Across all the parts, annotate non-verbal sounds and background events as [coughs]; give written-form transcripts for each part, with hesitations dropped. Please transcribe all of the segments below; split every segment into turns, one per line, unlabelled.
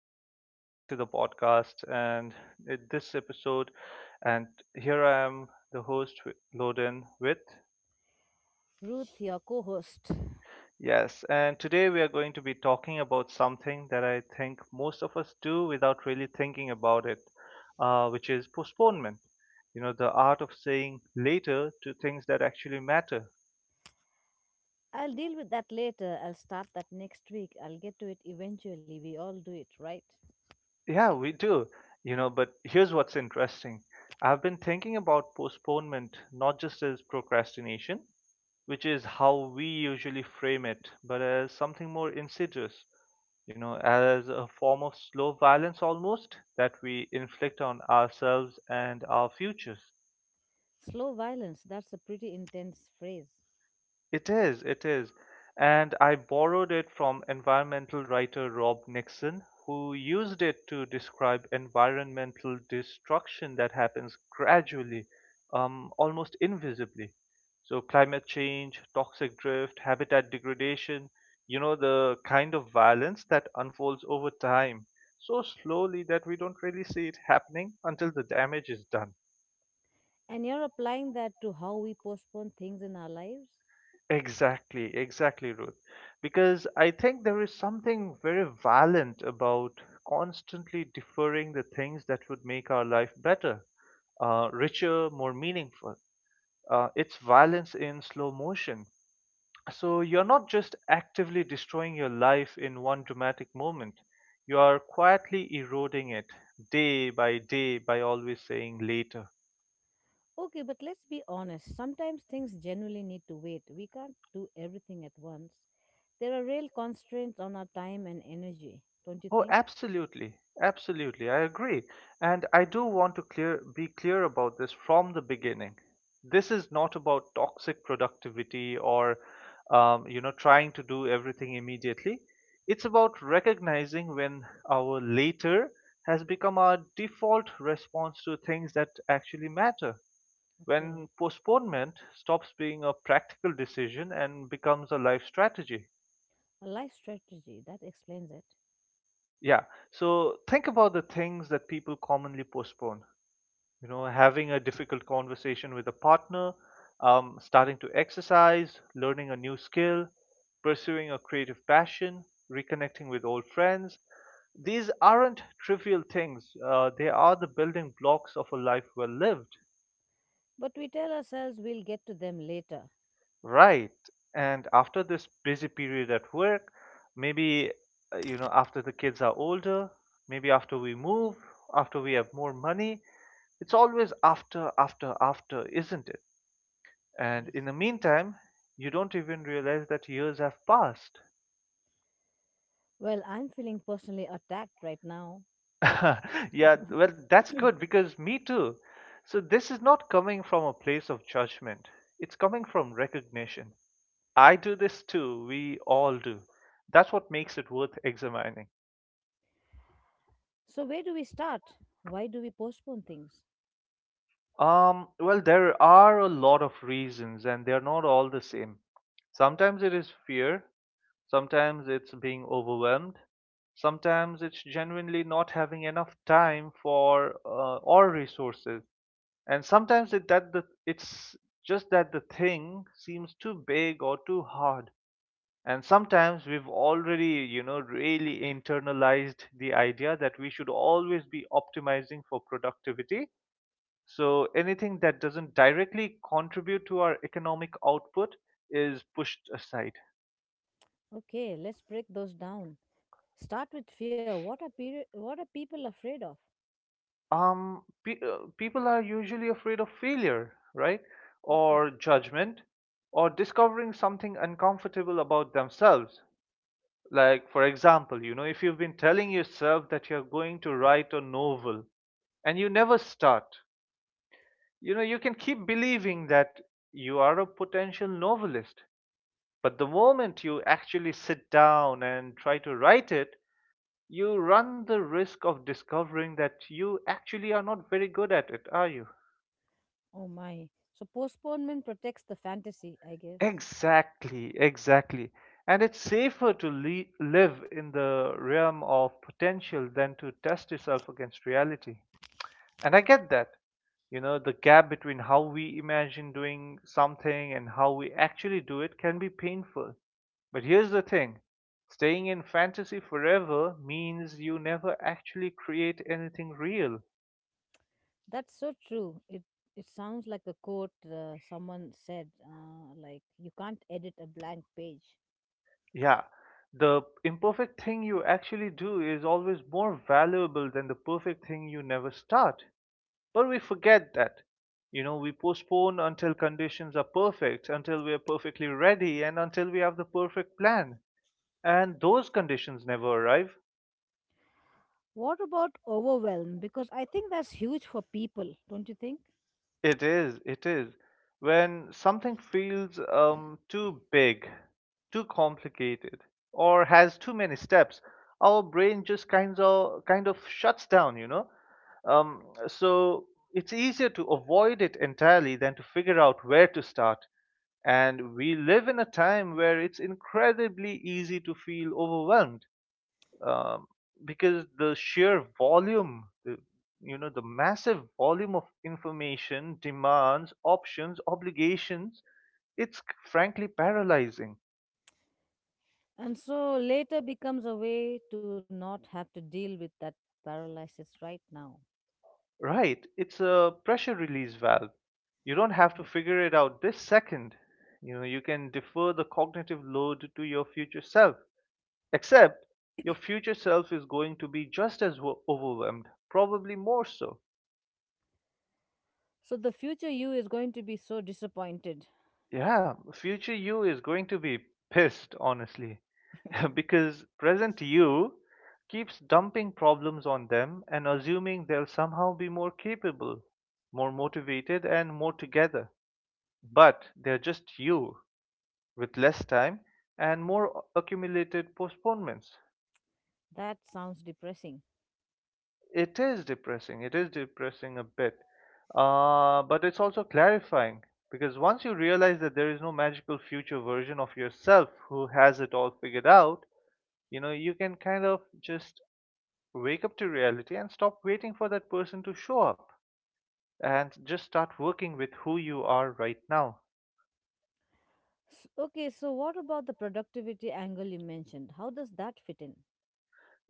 everyone. Welcome back to the podcast this episode. And here I am, the host, Wi- Loden, with.
Ruth, your co host.
Yes, and today we are going to be talking about something that I think most of us do without really thinking about it, which is postponement. You know, the art of saying later to things that actually matter.
I'll deal with that later. I'll start that next week. I'll get to it eventually. We all do it, right?
Yeah, we do. You know, but here's what's interesting. I've been thinking about postponement not just as procrastination, which is how we usually frame it, but as something more insidious, you know, as a form of slow violence almost that we inflict on ourselves and our futures.
Slow violence, that's a pretty intense phrase.
It is. And I borrowed it from environmental writer Rob Nixon, who used it to describe environmental destruction that happens gradually, almost invisibly. So, climate change, toxic drift, habitat degradation, you know, the kind of violence that unfolds over time so slowly that we don't really see it happening until the damage is done.
And you're applying that to how we postpone things in our lives?
Exactly, exactly, Ruth. Because I think there is something very valiant about constantly deferring the things that would make our life better, richer, more meaningful. It's violence in slow motion. So you're not just actively destroying your life in one dramatic moment, you are quietly eroding it day by day by always saying later.
Okay, but let's be honest. Sometimes things genuinely need to wait. We can't do everything at once. There are real constraints on our time and energy, don't you
Oh,
think?
absolutely. Absolutely. I agree. And I do want to clear be clear about this from the beginning. This is not about toxic productivity or you know, trying to do everything immediately. It's about recognizing when our later has become our default response to things that actually matter.
Okay.
When postponement stops being a practical decision and becomes a life strategy.
A life strategy, that explains it.
Yeah. So think about the things that people commonly postpone. You know, having a difficult conversation with a partner, starting to exercise, learning a new skill, pursuing a creative passion, reconnecting with old friends. These aren't trivial things. They are the building blocks of a life well lived.
But we tell ourselves we'll get to them later.
Right. And after this busy period at work, maybe, you know, after the kids are older, maybe after we move, after we have more money, it's always after, after, after, isn't it? And in the
Yes.
meantime, you don't even realize that years have passed.
Well, I'm feeling personally attacked right now.
[laughs] Yeah, well,
[coughs]
that's good
[clears throat]
because me too. So this is not coming from a place of judgment. It's coming from recognition. I do this too. We all do. That's what makes it worth examining.
So, where do we start? Why do we postpone things?
Well, there are a lot of reasons, and they're not all the same. Sometimes it is fear, sometimes it's being overwhelmed, sometimes it's genuinely not having enough time for or resources, and sometimes it's just that the thing seems too big or too hard. And sometimes we've already, you know, really internalized the idea that we should always be optimizing for productivity, so anything that doesn't directly contribute to our economic output is pushed aside.
Okay, let's break those down. Start with fear. What are what are people afraid of?
People are usually afraid of failure, right?
Okay.
Or judgment, or discovering something uncomfortable about themselves. Like, for example, you know, if you've been telling yourself that you're going to write a novel and you never start, you know, you can keep believing that you are a potential novelist, but the moment you actually sit down and try to write it, you run the risk of discovering that you actually are not very good at it, are you?
Oh my. So postponement protects the fantasy, I guess.
Exactly, exactly. And it's safer to live in the realm of potential than to test yourself against reality. And I get that. You know, the gap between how we imagine doing something and how we actually do it can be painful. But here's the thing, staying in fantasy forever means you never actually create anything real.
That's so true. It sounds like a quote, someone said, like you can't edit a blank page.
Yeah, the imperfect thing you actually do is always more valuable than the perfect thing you never start. But we forget that. You know, we postpone until conditions are perfect, until we are perfectly ready, and until we have the perfect plan. And those conditions never arrive.
What about overwhelm, because I think that's huge for people, don't you think?
It is. When something feels too big, too complicated, or has too many steps, our brain just kind of shuts down, you know? So it's easier to avoid it entirely than to figure out where to start. And we live in a time where it's incredibly easy to feel overwhelmed, um, because the sheer volume, you know, the massive volume of information, demands, options, obligations, it's frankly paralyzing.
And so later becomes a way to not have to deal with that paralysis right now.
Right, it's a pressure release valve. You don't have to figure it out this second. You know, you can defer the cognitive load to your future self. Except your future self is going to be just as overwhelmed, probably more so.
So the future you is going to be so disappointed.
Yeah, future you is going to be pissed, honestly, [laughs] because present you keeps dumping problems on them and assuming they'll somehow be more capable, more motivated, and more together. But they're just you with less time and more accumulated postponements.
That sounds depressing.
It is depressing. It is depressing a bit. But it's also clarifying, because once you realize that there is no magical future version of yourself who has it all figured out, you know, you can kind of just wake up to reality and stop waiting for that person to show up and just start working with who you are right now.
Okay, so what about the productivity angle you mentioned? How does that fit in?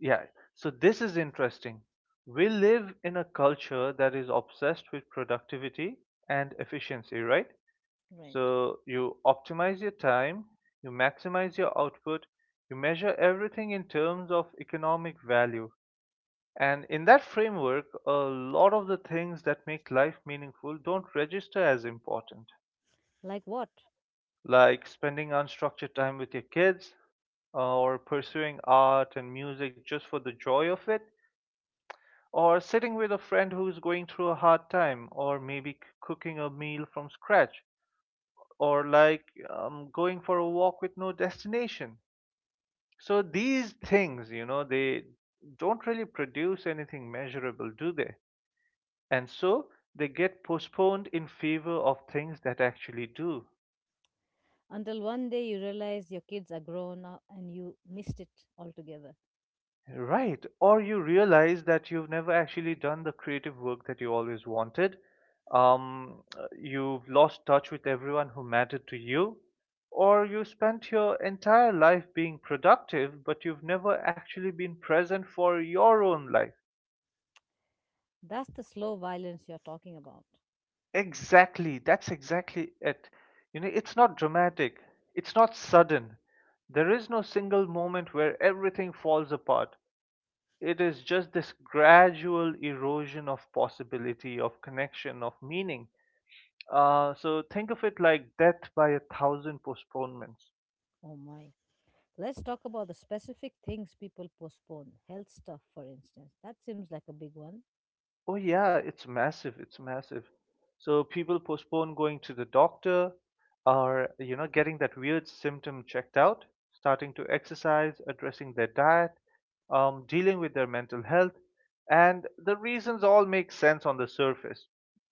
Yeah, so this is interesting. We live in a culture that is obsessed with productivity and efficiency, right?
Right.
So you optimize your time, you maximize your output, you measure everything in terms of economic value. And in that framework, a lot of the things that make life meaningful don't register as important,
Like what?
like spending unstructured time with your kids, or pursuing art and music just for the joy of it, or sitting with a friend who's going through a hard time, or maybe cooking a meal from scratch, or like going for a walk with no destination. So these things, you know, they don't really produce anything measurable, do they? And so they get postponed in favor of things that actually do.
Until one day you realize your kids are grown up and you missed it altogether.
Right. Or you realize that you've never actually done the creative work that you always wanted. You've lost touch with everyone who mattered to you. Or you spent your entire life being productive, but you've never actually been present for your own life.
That's the slow violence you're talking about.
Exactly. That's exactly it. You know, it's not dramatic. It's not sudden. There is no single moment where everything falls apart. It is just this gradual erosion of possibility, of connection, of meaning. So think of it like death by a thousand postponements.
Oh my. Let's talk about the specific things people postpone. Health stuff, for instance. That seems like a big one.
Oh yeah, it's massive. It's massive. So people postpone going to the doctor, or, you know, getting that weird symptom checked out, starting to exercise, addressing their diet, dealing with their mental health. And the reasons all make sense on the surface,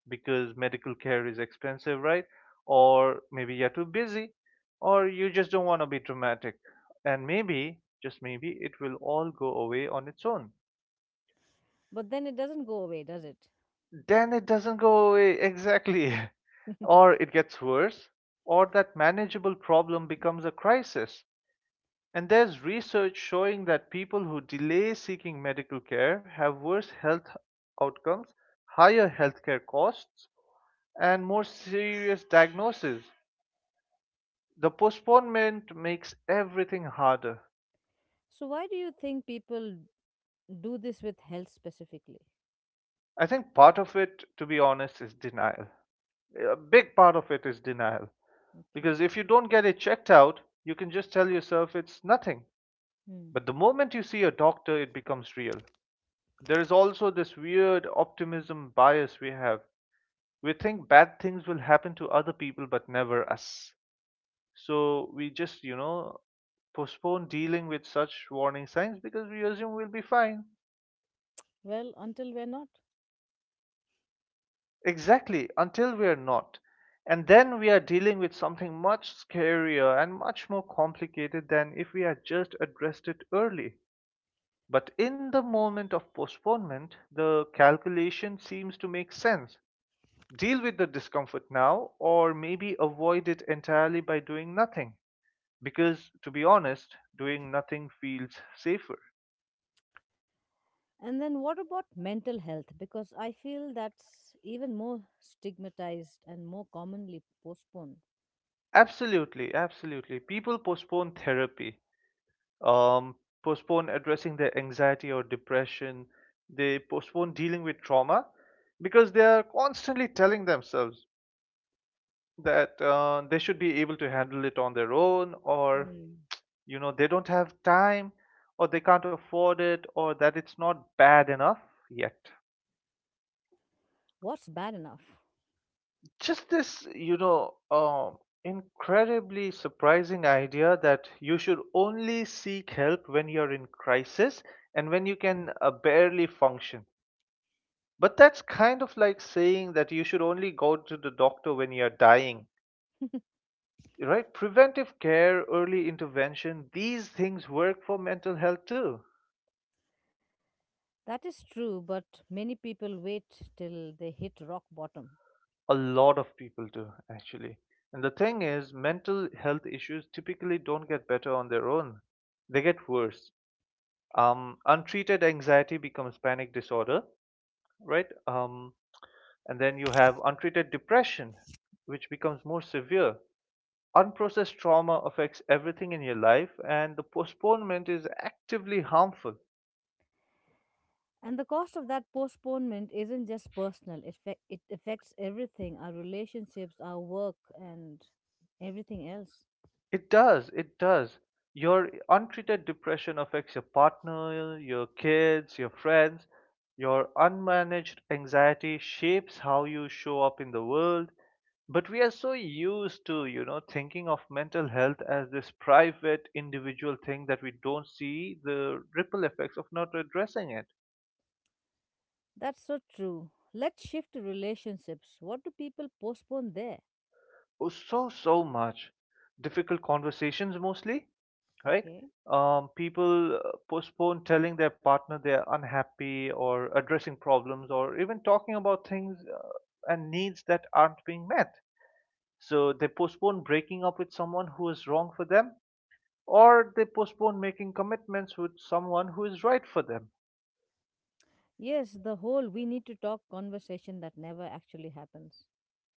because medical care is expensive, right? Or maybe you're too busy, or you just don't want to be dramatic. And maybe, just maybe, it will all go away on its own.
But then it doesn't go away, does it?
Then it doesn't go away exactly, [laughs] or it gets worse, or that manageable problem becomes a crisis. And there's research showing that people who delay seeking medical care have worse health outcomes, higher healthcare costs, and more serious diagnoses. The postponement makes everything harder.
So, why do you think people do this with health specifically?
I think part of it, to be honest, is denial. A big part of it is denial.
Okay.
Because if you don't get it checked out, you can just tell yourself it's nothing.
Hmm.
But the moment you see a doctor, it becomes real. There is also this weird optimism bias we have. We think bad things will happen to other people but never us. So we just, you know, postpone dealing with such warning signs because we assume we'll be fine.
Well, until we're not.
Exactly, until we are not. And then we are dealing with something much scarier and much more complicated than if we had just addressed it early. But in the moment of postponement, the calculation seems to make sense. Deal with the discomfort now, or maybe avoid it entirely by doing nothing. Because, to be honest, doing nothing feels safer.
And then what about mental health? Because I feel that's even more stigmatized and more commonly postponed.
Absolutely, absolutely. People postpone therapy, um, postpone addressing their anxiety or depression, they postpone dealing with trauma, because they are constantly telling themselves that they should be able to handle it on their own, or
Hmm.
you know, they don't have time, or they can't afford it, or that it's not bad enough yet.
What's bad enough?
Just this, you know, incredibly surprising idea that you should only seek help when you're in crisis and when you
Hmm.
can barely function. But that's kind of like saying that you should only go to the doctor when you're dying, right? Preventive care, early intervention, these things work for mental health too.
That is true, but many people wait till they hit rock bottom.
A lot of people do, actually. And the thing is, mental health issues typically don't get better on their own. They get worse. Untreated anxiety becomes panic disorder, right? And then you have untreated depression, which becomes more severe. Unprocessed trauma affects everything in your life, and the postponement is actively harmful.
And the cost of that postponement isn't just personal, it affects everything, our relationships, our work, and everything else.
It does. It does. Your untreated depression affects your partner, your kids, your friends. Your unmanaged anxiety shapes how you show up in the world. But we are so used to, thinking of mental health as this private, individual thing that we don't see the ripple effects of not addressing it.
That's so true. Let's shift to relationships. What do people postpone there?
Oh, so much. Difficult conversations mostly, right?
Okay.
People postpone telling their partner they're unhappy or addressing problems or even talking about things and needs that aren't being met. So they postpone breaking up with someone who is wrong for them, or they postpone making commitments with someone who is right for them.
Yes, the whole "we need to talk" conversation that never actually happens.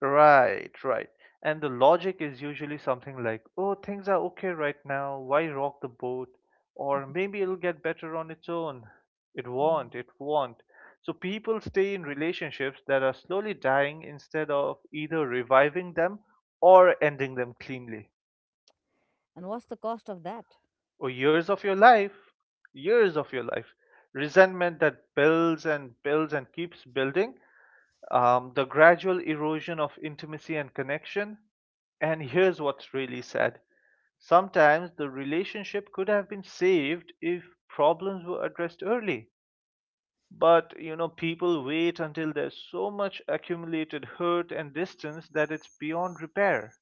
Right, right. And the logic is usually something like, oh, things are okay right now, why rock the boat? Or maybe it'll get better on its own. It
Hmm.
won't, it won't. So people stay in relationships that are slowly dying instead of either reviving them or ending them cleanly.
And what's the cost of that?
Or years of your life, years of your life. Resentment that builds and builds and keeps building, the gradual erosion of intimacy and connection. And here's what's really sad, sometimes the relationship could have been saved if problems were addressed early. But you know, people wait until there's so much accumulated hurt and distance that it's beyond repair.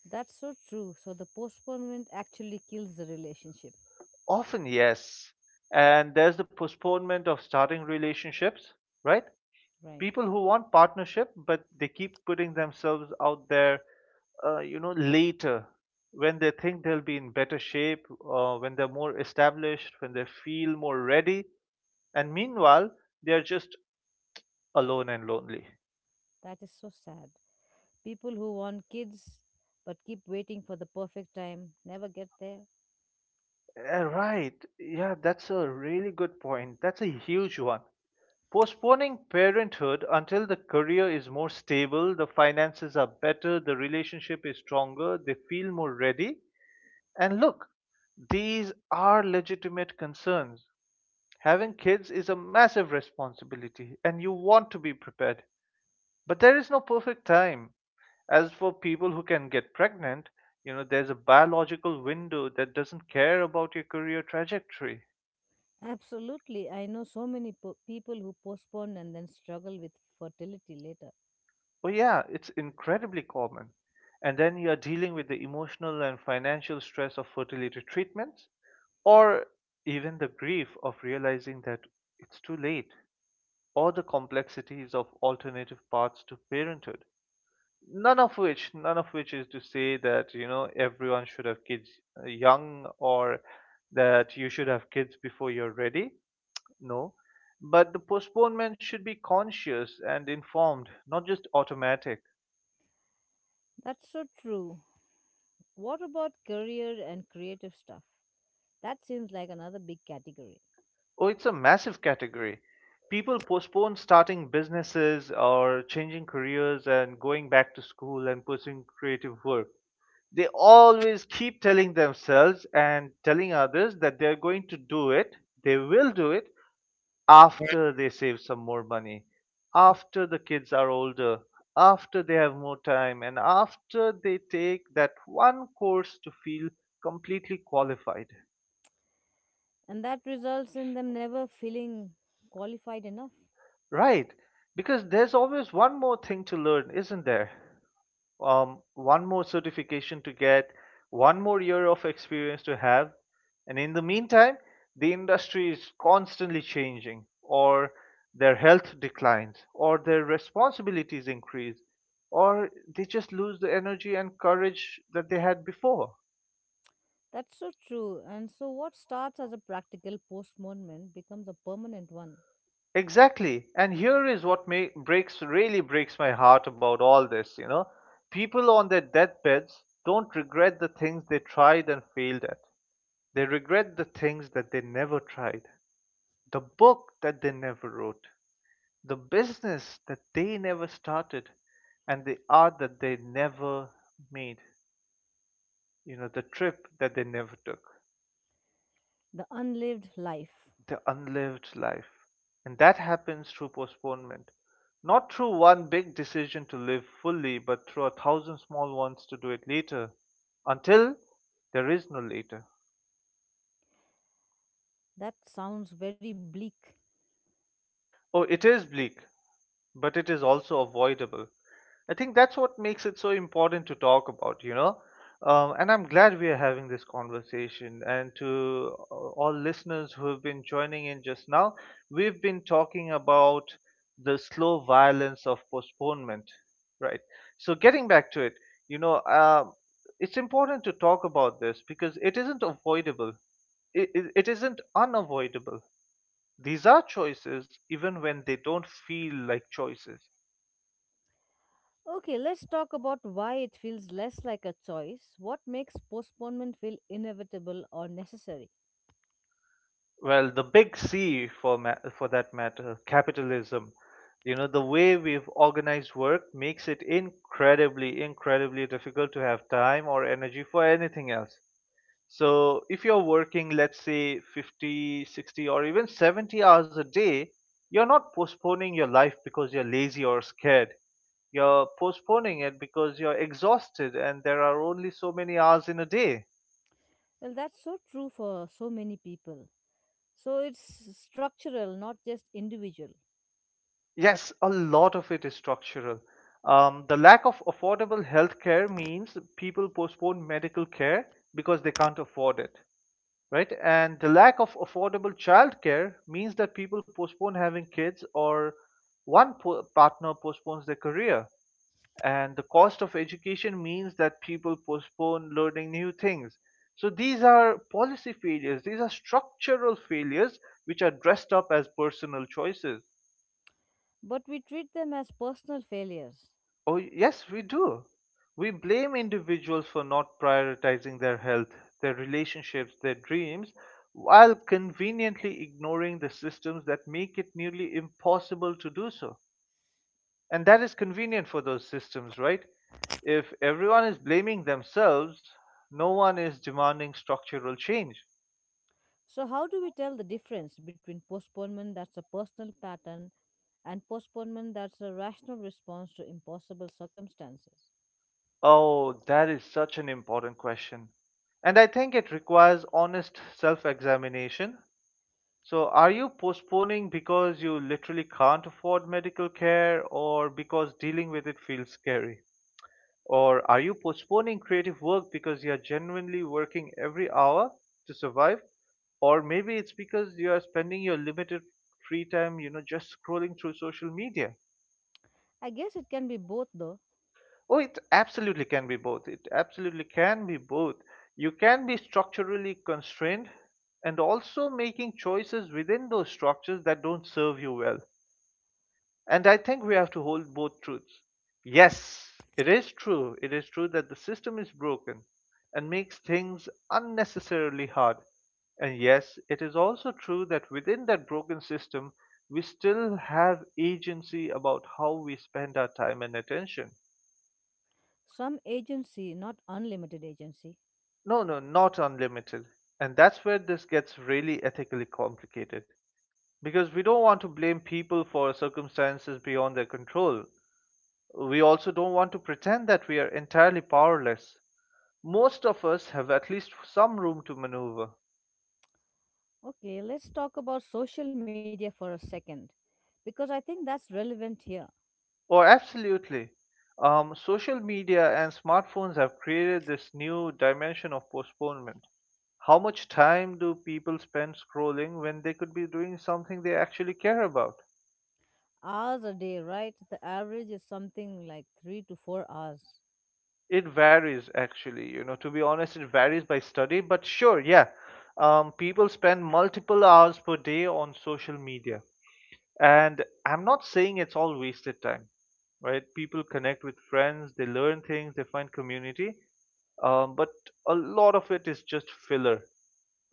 That's so true. So the postponement actually kills the relationship,
Often, yes. And there's the postponement of starting relationships, right?
right?
People who want partnership but they keep putting themselves out there you know later, when they think they'll be in better shape, when they're more established, when they feel more ready, and meanwhile they're just alone and lonely.
That is so sad. People who want kids but keep waiting for the perfect time never get there.
Right, yeah, that's a really good point, that's a huge one. Postponing parenthood until the career is more stable, the finances are better, the relationship is stronger, they feel more ready. And look, these are legitimate concerns. Having kids is a massive responsibility, and you want to be prepared. But there is no perfect time. As for people who can get pregnant, you know, there's a biological window that doesn't care about your career trajectory.
Absolutely. I know so many people who postpone and then struggle with fertility later.
Well, yeah, it's incredibly common. And then you are dealing with the emotional and financial stress of fertility treatments, or even the grief of realizing that it's too late, or the complexities of alternative paths to parenthood. None of which is to say that, you know, everyone should have kids, young, or that you should have kids before you're ready. No. But the postponement should be conscious and informed, not just automatic.
That's so true. What about career and creative stuff? That seems like another big category.
Oh, it's a massive category. People postpone starting businesses or changing careers and going back to school and pursuing creative work. They always keep telling themselves and telling others that they're going to do it, they will do it after they save some more money,
[laughs]
after the kids are older, after they have more time, and after they take that one course to feel completely qualified.
And that results in them never feeling qualified enough.
Right? Because there's always one more thing to learn, isn't there? One more certification to get, one more year of experience to have. And in the meantime, the industry is constantly changing, or their health declines, or their responsibilities increase, or they just lose the energy and courage that they had before.
That's so true. And so, what starts as a practical postponement becomes a permanent one.
Exactly. And here is what may, breaks really breaks my heart about all this, you know. People on their deathbeds don't regret the things they tried and failed at. They regret the things that they never tried, the book that they never wrote, the business that they never started, and the art that they never made, you know, the trip that they never took,
The unlived life.
the unlived life. And that happens through postponement, not through one big decision to live fully, but through a thousand small ones to do it later, until there is no later.
That sounds very bleak.
Oh, it is bleak, but it is also avoidable. I think that's what makes it so important to talk about, you know. And I'm glad we are having this conversation. And to all listeners who have been joining in just now, we've been talking about the slow violence of postponement, right? So, getting back to it, you know, it's important to talk about this because it isn't avoidable, it isn't unavoidable. These are choices, even when they don't feel like choices.
Okay, let's talk about why it feels less like a choice. What makes postponement feel inevitable or necessary?
Well, the big C, for that matter, capitalism. You know, the way we've organized work makes it incredibly difficult to have time or energy for anything else. So if you're working, let's say, 50, 60, or even 70 hours a day, you're not postponing your life because you're lazy or scared, you're postponing it because you're exhausted and there are only so many hours in a day.
Well, that's so true for so many people. So it's structural, not just individual.
Yes, a lot of it is structural. The lack of affordable health care means people postpone medical care because they can't afford it, right? And the lack of affordable childcare means that people postpone having kids or one partner postpones their career. And the cost of education means that people postpone learning new things. So these are policy failures, these are structural failures which are dressed up as personal choices.
But we treat them as personal failures.
Oh, yes, we do. We blame individuals for not prioritizing their health, their relationships, their dreams, while conveniently ignoring the systems that make it nearly impossible to do so. And that is convenient for those systems, right? If everyone is blaming themselves, no one is demanding structural change.
So, how do we tell the difference between postponement that's a personal pattern and postponement that's a rational response to impossible circumstances?
Oh, that is such an important question. And I think it requires honest self examination. So, are you postponing because you literally can't afford medical care or because dealing with it feels scary? Or are you postponing creative work because you are genuinely working every hour to survive? Or maybe it's because you are spending your limited free time, you know, just scrolling through social media.
I guess it can be both, though.
Oh, it absolutely can be both. It absolutely can be both. You can be structurally constrained and also making choices within those structures that don't serve you well. And I think we have to hold both truths. Yes, it is true. It is true that the system is broken and makes things unnecessarily hard. And yes, it is also true that within that broken system, we still have agency about how we spend our time and attention.
Some agency, not unlimited agency.
No, no, not unlimited. And that's where this gets really ethically complicated. Because we don't want to blame people for circumstances beyond their control. We also don't want to pretend that we are entirely powerless. Most of us have at least some room to maneuver.
Okay, let's talk about social media for a second because I think that's relevant here.
Oh, absolutely. Social media and smartphones have created this new dimension of postponement. How much time do people spend scrolling when they could be doing something they actually care about?
Hours a day, right? The average is something like 3 to 4 hours.
It varies, actually. You know, to be honest, it varies by study, but sure, yeah. People spend multiple hours per day on social media. And I'm not saying it's all wasted time, right? People connect with friends, they learn things, they find community, but a lot of it is just filler,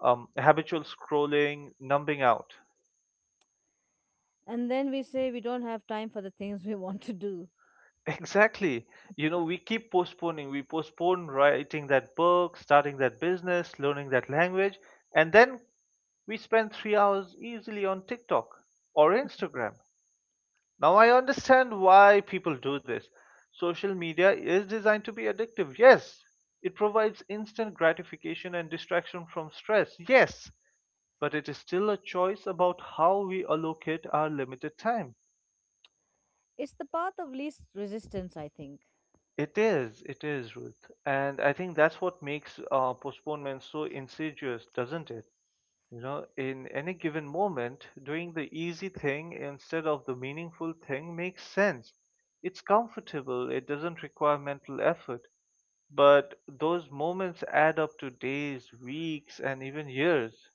habitual scrolling, numbing out. [laughs]
And then we say we don't have time for the things [laughs] we want to do.
Exactly. You know, we keep postponing. We postpone writing that book, starting that business, learning that language, and then we spend three hours easily on TikTok or Instagram. Now I understand why people do this. Social media is designed to be addictive. Yes, it provides instant gratification and distraction from stress. Yes, but it is still a choice about how we allocate our limited time.
It's the path of least resistance, I think.
It is, Ruth. And I think that's what makes postponement so insidious, doesn't it? You know, in any given moment, doing the easy thing instead of the meaningful thing makes sense. It's comfortable, it doesn't require mental effort, but those moments add up to days, weeks, and even years.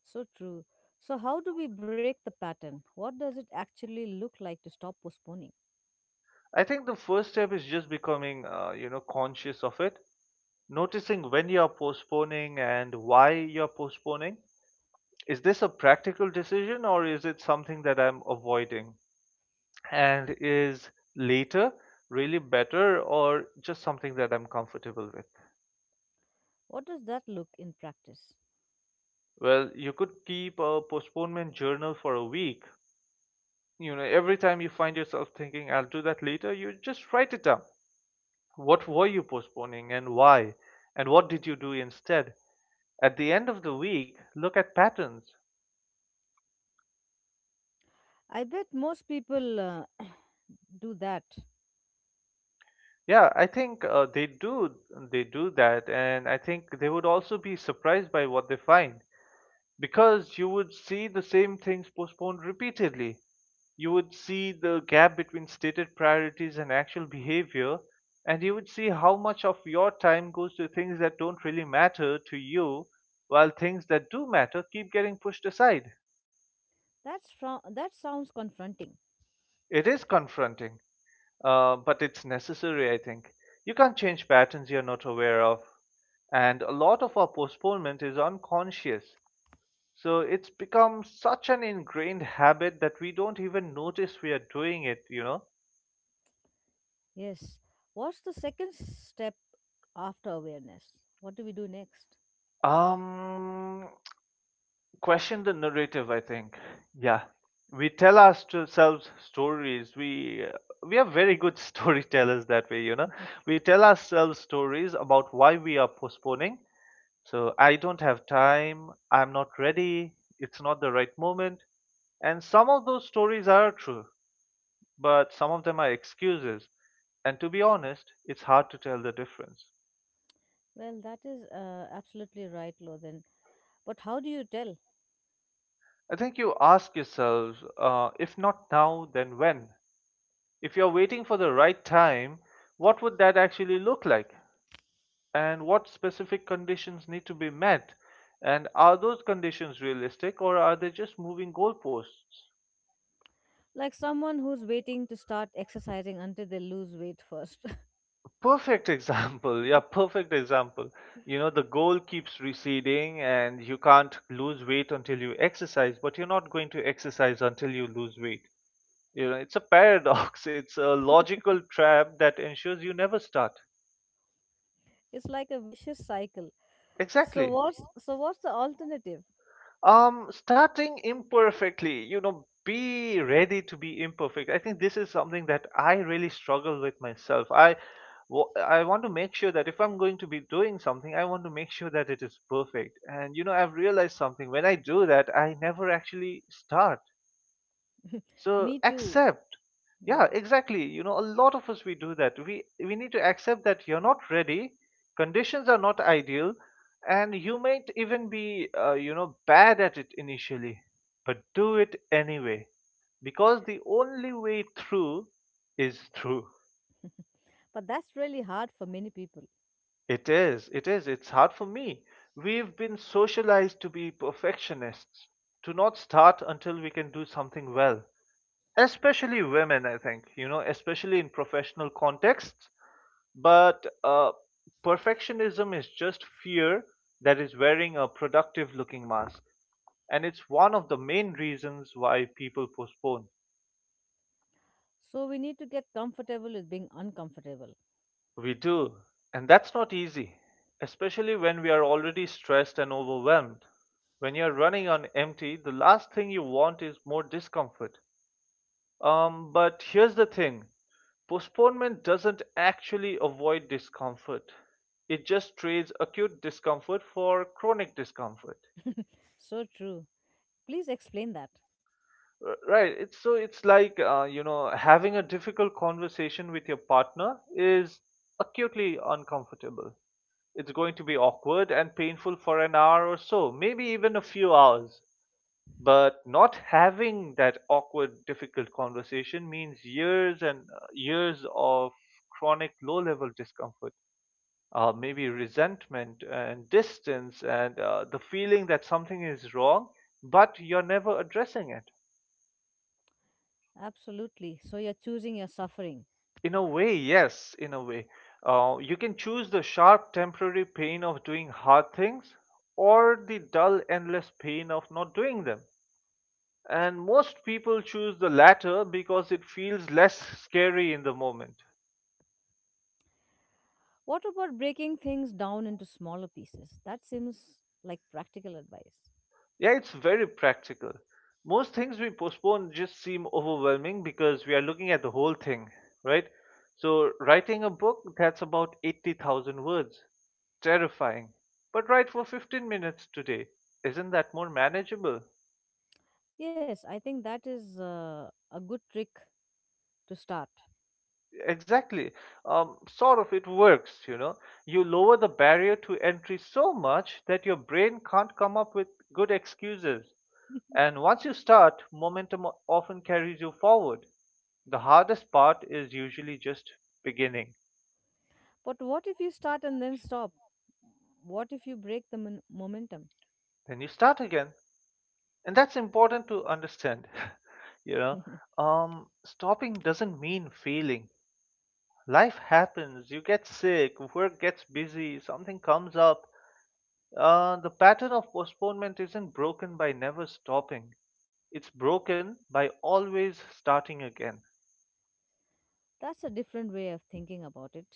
So true. So, how do we break the pattern? What does it actually look like to stop postponing?
I think the first step is just becoming, you know, conscious of it, noticing when you are postponing and why you're postponing. Is this a practical decision or is it something that I'm avoiding? And is later really better or just something that I'm comfortable with?
What does that look in practice?
Well, you could keep a postponement journal for a week. You know, every time you find yourself thinking, I'll do that later, you just write it down. What were you postponing and why? And what did you do instead? At the end of the week, look at patterns.
I bet most people, [clears throat] do that.
Yeah, I think they do, they do that, and I think they would also be surprised by what they find, because you would see the same things postponed repeatedly. You would see the gap between stated priorities and actual behavior, and you would see how much of your time goes to things that don't really matter to you while things that do matter keep getting pushed aside.
That sounds confronting.
It is confronting, but it's necessary, I think. You can't change patterns you're not aware of, and a lot of our postponement is unconscious. So it's become such an ingrained habit that we don't even notice we are doing it, you know?
Yes. What's the second step after awareness? What do we do next?
Um, Question the narrative, I think. Yeah. We tell ourselves stories. We are very good [laughs] storytellers that way, you know.
Mhm.
We tell ourselves stories about why we are postponing. So I don't have time, I'm not ready, it's not the right moment. And some of those stories are true, but some of them are excuses. And to be honest, it's hard to tell the difference.
Well, that is, absolutely right, Lothan. But how do you tell?
I think you ask yourselves, if not now, then when? If you're waiting for the right time, what would that actually look like? And what specific conditions need to be met? And are those conditions realistic, or are they just moving goalposts?
Like someone who's waiting to start exercising until they lose weight first. [laughs]
Perfect [laughs] example. Yeah, perfect example. You know, the goal keeps receding and you can't lose weight until you exercise, but you're not going to exercise until you lose weight. You know, it's a paradox. [laughs] It's a logical trap that ensures you never start.
It's like a vicious cycle. So
Exactly.
what's so what's the alternative?
Starting imperfectly, you know, be ready to be imperfect. I think this is something that I really struggle with myself. I want to make sure that if I'm going to be doing something, I want to make sure that it is perfect. And you know, I've realized something. When I do that, I never actually start.
Me
So
too.
accept. Yeah,
Yeah.
exactly. You know, a lot of us we do that. We need to accept that you're not ready, conditions are not ideal, and you might even be, you know, bad at it initially. But do it anyway, because the only way through is through.
But that's really hard for many people.
It is. It's hard for me. We've been socialized to be perfectionists, to not start until we can do something well. Especially women, I think, you know, especially in professional contexts. But perfectionism is just fear that is wearing a productive looking mask. And it's one of the main reasons why people postpone.
So we need to get comfortable with being uncomfortable.
We do, and that's not easy, especially when we are already stressed and overwhelmed. When you're running on empty, the last thing you want is more discomfort. But here's the thing. Postponement doesn't actually avoid discomfort, it just trades acute discomfort for chronic discomfort.
So true. Please explain that.
Right, it's so it's like, you know, having a difficult conversation with your partner is acutely uncomfortable. It's going to be awkward and painful for an hour or so, maybe even a few hours. But not having that awkward, difficult conversation means years and, years of chronic low level discomfort, maybe resentment and distance, and, the feeling that something is wrong, but you're never addressing it.
Absolutely. So you're choosing your suffering.
In a way, yes, in a way. You can choose the sharp temporary pain of doing hard things, or the dull endless pain of not doing them. And most people choose the latter because it feels less scary in the moment.
What about breaking things down into smaller pieces? That seems like practical advice.
Yeah, it's very practical. Most things we postpone just seem overwhelming because we are looking at the whole thing, right? So, writing a book that's about 80,000 words. Terrifying. But write for 15 minutes today. Isn't that more manageable?
Yes, I think that is, a good trick to start.
Exactly. Sort of, it works, you know. You lower the barrier to entry so much that your brain can't come up with good excuses. And once you start, momentum often carries you forward. The hardest part is usually just beginning.
But what if you start and then stop? What if you break the momentum?
Then you start again. And that's important to understand. [laughs] you know,
[laughs]
Stopping doesn't mean failing. Life happens, you get sick, work gets busy, something comes up. The pattern of postponement isn't broken by never stopping. It's broken by always starting again.
That's a different way of thinking about it.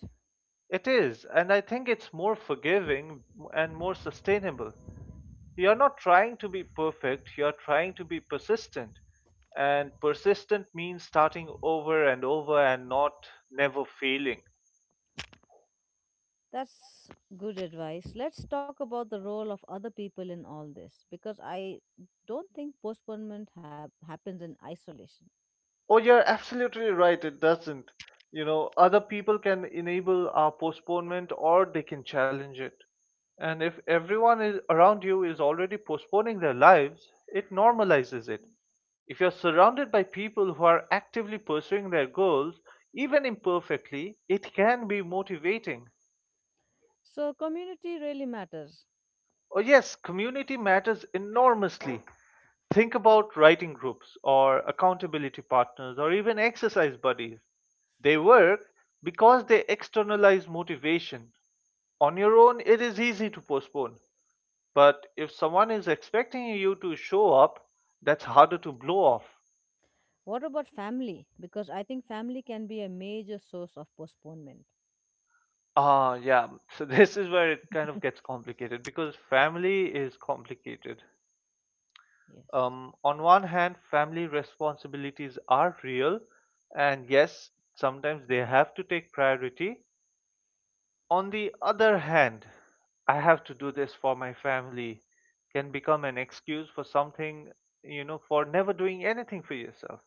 It is, and I think it's more forgiving and more sustainable. You're not trying to be perfect, you're trying to be persistent. And persistent means starting over and over and not never failing.
That's good advice. Let's talk about the role of other people in all this, because I don't think postponement happens in isolation.
Oh, you're absolutely right. It doesn't. You know, other people can enable our postponement or they can challenge it. And if everyone is around you is already postponing their lives, it normalizes it. If you're surrounded by people who are actively pursuing their goals, even imperfectly, it can be motivating.
So, community really matters.
Oh, yes, community matters enormously. Think about writing groups or accountability partners or even exercise buddies. They work because they externalize motivation. On your own, it is easy to postpone. But if someone is expecting you to show up, that's harder to blow off.
What about family? Because I think family can be a major source of postponement.
Ah, yeah. So [laughs] this is where it kind of gets complicated because family is complicated.
Yes.
On one hand, family responsibilities are real, and yes, sometimes they have to take priority. On the other hand, I have to do this for my family can become an excuse for something, you know, for never doing anything for yourself.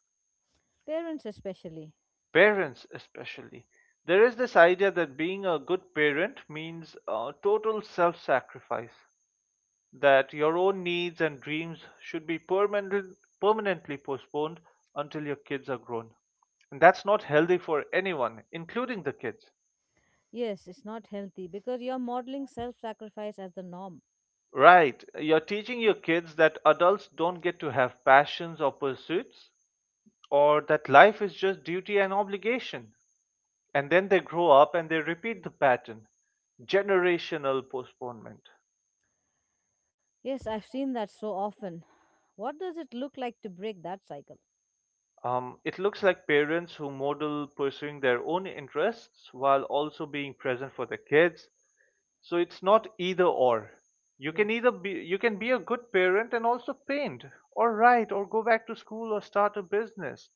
Parents, especially.
Parents, especially. There is this idea that being a good parent means, total self sacrifice, that your own needs and dreams should be permanently postponed until your kids are grown. And that's not healthy for anyone, including the kids.
Yes, it's not healthy because you're modeling self sacrifice as the norm.
Right. You're teaching your kids that adults don't get to have passions or pursuits, or that life is just duty and obligation. And then they grow up and they repeat the pattern. Generational postponement.
Yes, I've seen that so often. What does it look like to break that cycle?
It looks like parents who model pursuing their own interests while also being present for their kids. So it's not either or. You can either
Yes.
be you can be a good parent and also paint, or write, or go back to school or start a business.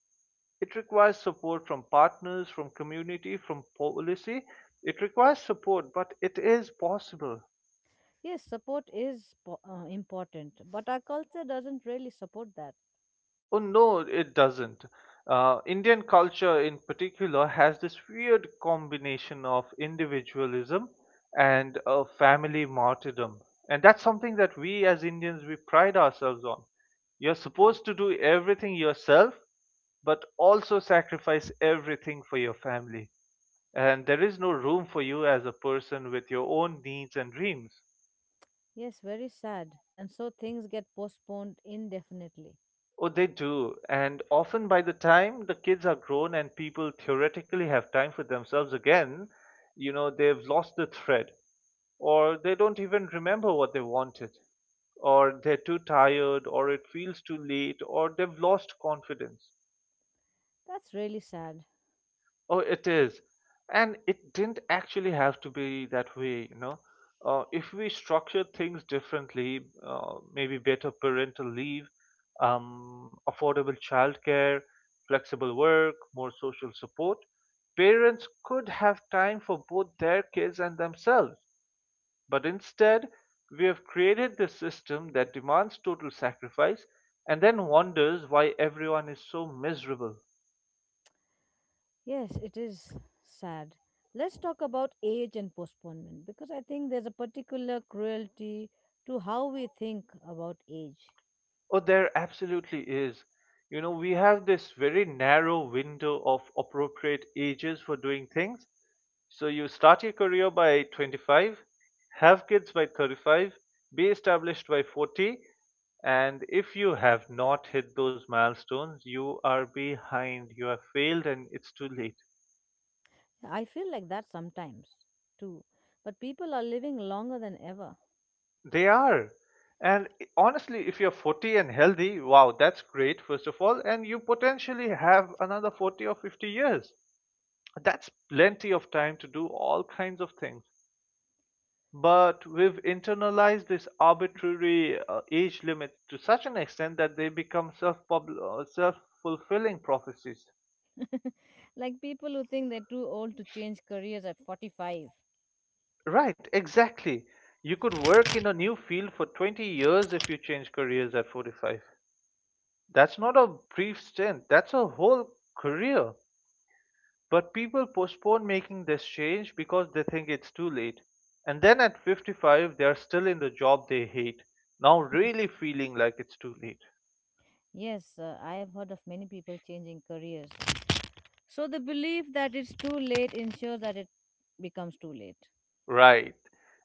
It requires support from partners, from community, from policy. It requires support, but it is possible.
Yes, support is important, but our culture doesn't really support that.
Oh no, it doesn't. Indian culture, in particular, has this weird combination of individualism and, family martyrdom, and that's something that we as Indians we pride ourselves on. You're supposed to do everything yourself, but also sacrifice everything for your family. And there is no room for you as a person with your own needs and dreams.
Yes, very sad. And so things get postponed indefinitely.
Oh, they do. And often by the time the kids are grown and people theoretically have time for themselves again, you know, they've lost the thread, or they don't even remember what they wanted, or they're too tired, or it feels too late, or they've lost confidence.
That's really sad.
Oh, it is. And it didn't actually have to be that way, you know. If we structured things differently, maybe better parental leave, affordable childcare, flexible work, more social support, parents could have time for both their kids and themselves. But instead, we have created this system that demands total sacrifice and then wonders why everyone is so miserable.
Yes, it is sad. Let's talk about age and postponement because I think there's a particular cruelty to how we think about age.
Oh, there absolutely is. You know, we have this very narrow window of appropriate ages for doing things. So you start your career by 25, have kids by 35, be established by 40, and if you have not hit those milestones, you are behind, you have failed, and it's too late.
I feel like that sometimes too. But people are living longer than ever.
They are. And honestly, if you're 40 and healthy, wow, that's great, first of all, and you potentially have another 40 or 50 years. That's plenty of time to do all kinds of things. But we've internalized this arbitrary, age limit to such an extent that they become self fulfilling prophecies.
Like people who think they're too old to change careers at 45.
Right, exactly. You could work in a new field for 20 years if you change careers at 45. That's not a brief stint, that's a whole career. But people postpone making this change because they think it's too late. And then at 55, they are still in the job they hate, now really feeling like it's too late.
Yes, I've heard of many people changing careers. So the belief that it's too late ensures that it becomes too late.
Right.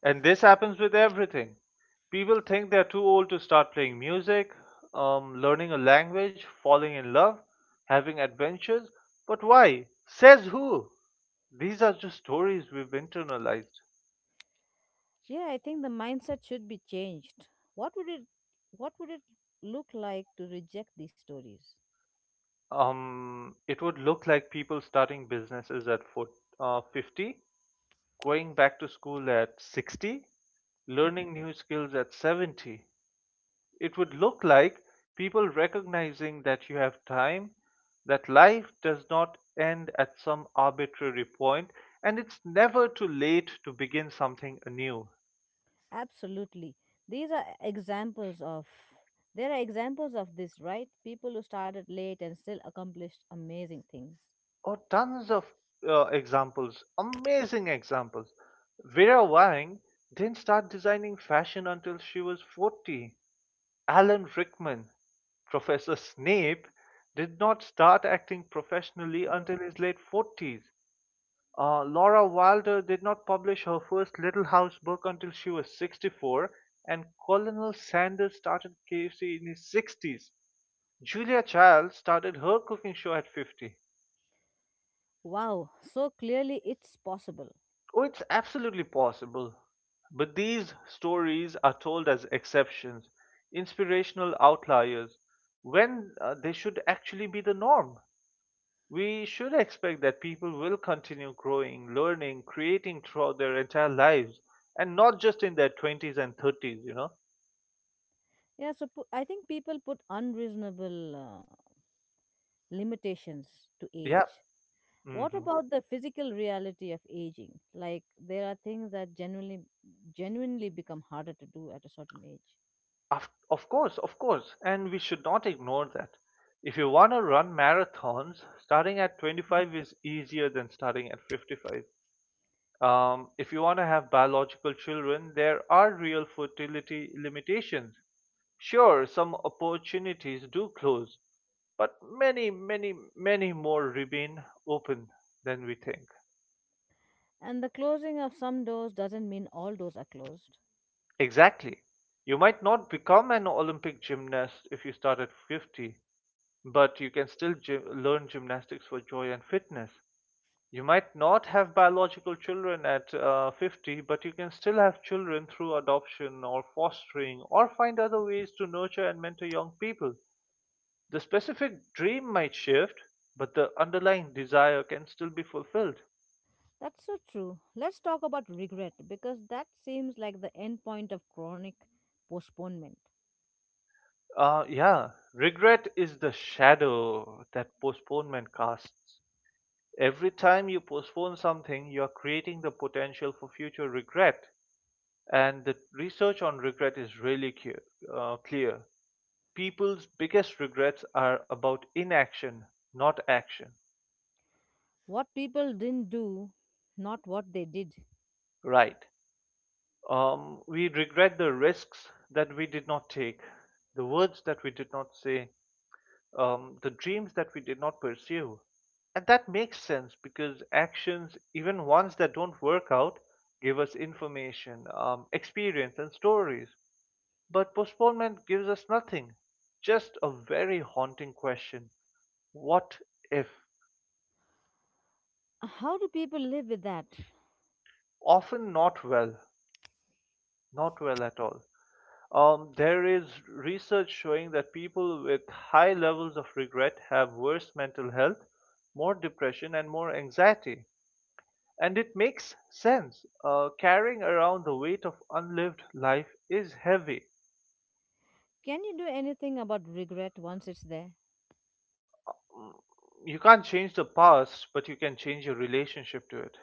And this happens with everything. People think they're too old to start playing music, learning a language, falling in love, having adventures. But why? Says who? These are just stories we've internalized.
Yeah, I think the mindset should be changed. What would it what would it look like to reject these stories?
It would look like people starting businesses at 40, 50, going back to school at 60, learning new skills at 70. It would look like people recognizing that you have time, that life does not end at some arbitrary point, and it's never too late to begin something anew.
Absolutely. These are examples of there are examples of this, right? People who started late and still accomplished amazing things.
Oh, tons of, examples, amazing examples. Vera Wang didn't start designing fashion until she was 40. Alan Rickman, Professor Snape, did not start acting professionally
Oh.
until his late 40s. Laura Wilder did not publish her first Little House book until she was 64, and Colonel Sanders started KFC in his 60s. Julia Child started her cooking show at 50.
Wow, so clearly it's possible.
Oh, it's absolutely possible. But these stories are told as exceptions, inspirational outliers, when they should actually be the norm. We should expect that people will continue growing, learning, creating throughout their entire lives and not just in their 20s and 30s, you know?
Yeah, so I think people put unreasonable, limitations to
Yeah.
age. What
Hmm.
about the physical reality of aging? Like there are things that genuinely become harder to do at a certain age.
Of course, of course. And we should not ignore that. If you want to run marathons, starting at 25 is easier than starting at 55. If you want to have biological children, there are real fertility limitations. Sure, some opportunities do close, but many, many, many more remain open than we think.
And the closing of some doors doesn't mean all doors are closed.
Exactly. You might not become an Olympic gymnast if you start at 50, but you can still learn gymnastics for joy and fitness. You might not have biological children at 50, but you can still have children through adoption or fostering or find other ways to nurture and mentor young people. The specific dream might shift, but the underlying desire can still be fulfilled.
That's so true. Let's talk about regret because that seems like the end point of chronic postponement.
Yeah, regret is the shadow that postponement casts. Every time you postpone something, you are creating the potential for future regret. And the research on regret is really clear. Uh, clear. People's biggest regrets are about inaction, not action.
What people didn't do, not what they did.
Right. We regret the risks that we did not take, the words that we did not say, the dreams that we did not pursue. And that makes sense because actions, even ones that don't work out, give us information, experience, and stories. But postponement gives us nothing, just a very haunting question: what if?
How do people live with that?
Often not well, not well at all. There is research showing that people with high levels of regret have worse mental health, more depression, and more anxiety. And it makes sense. Carrying around the weight of unlived life is heavy.
Can you do anything about regret once it's there?
You can't change the past, but you can change your relationship to it.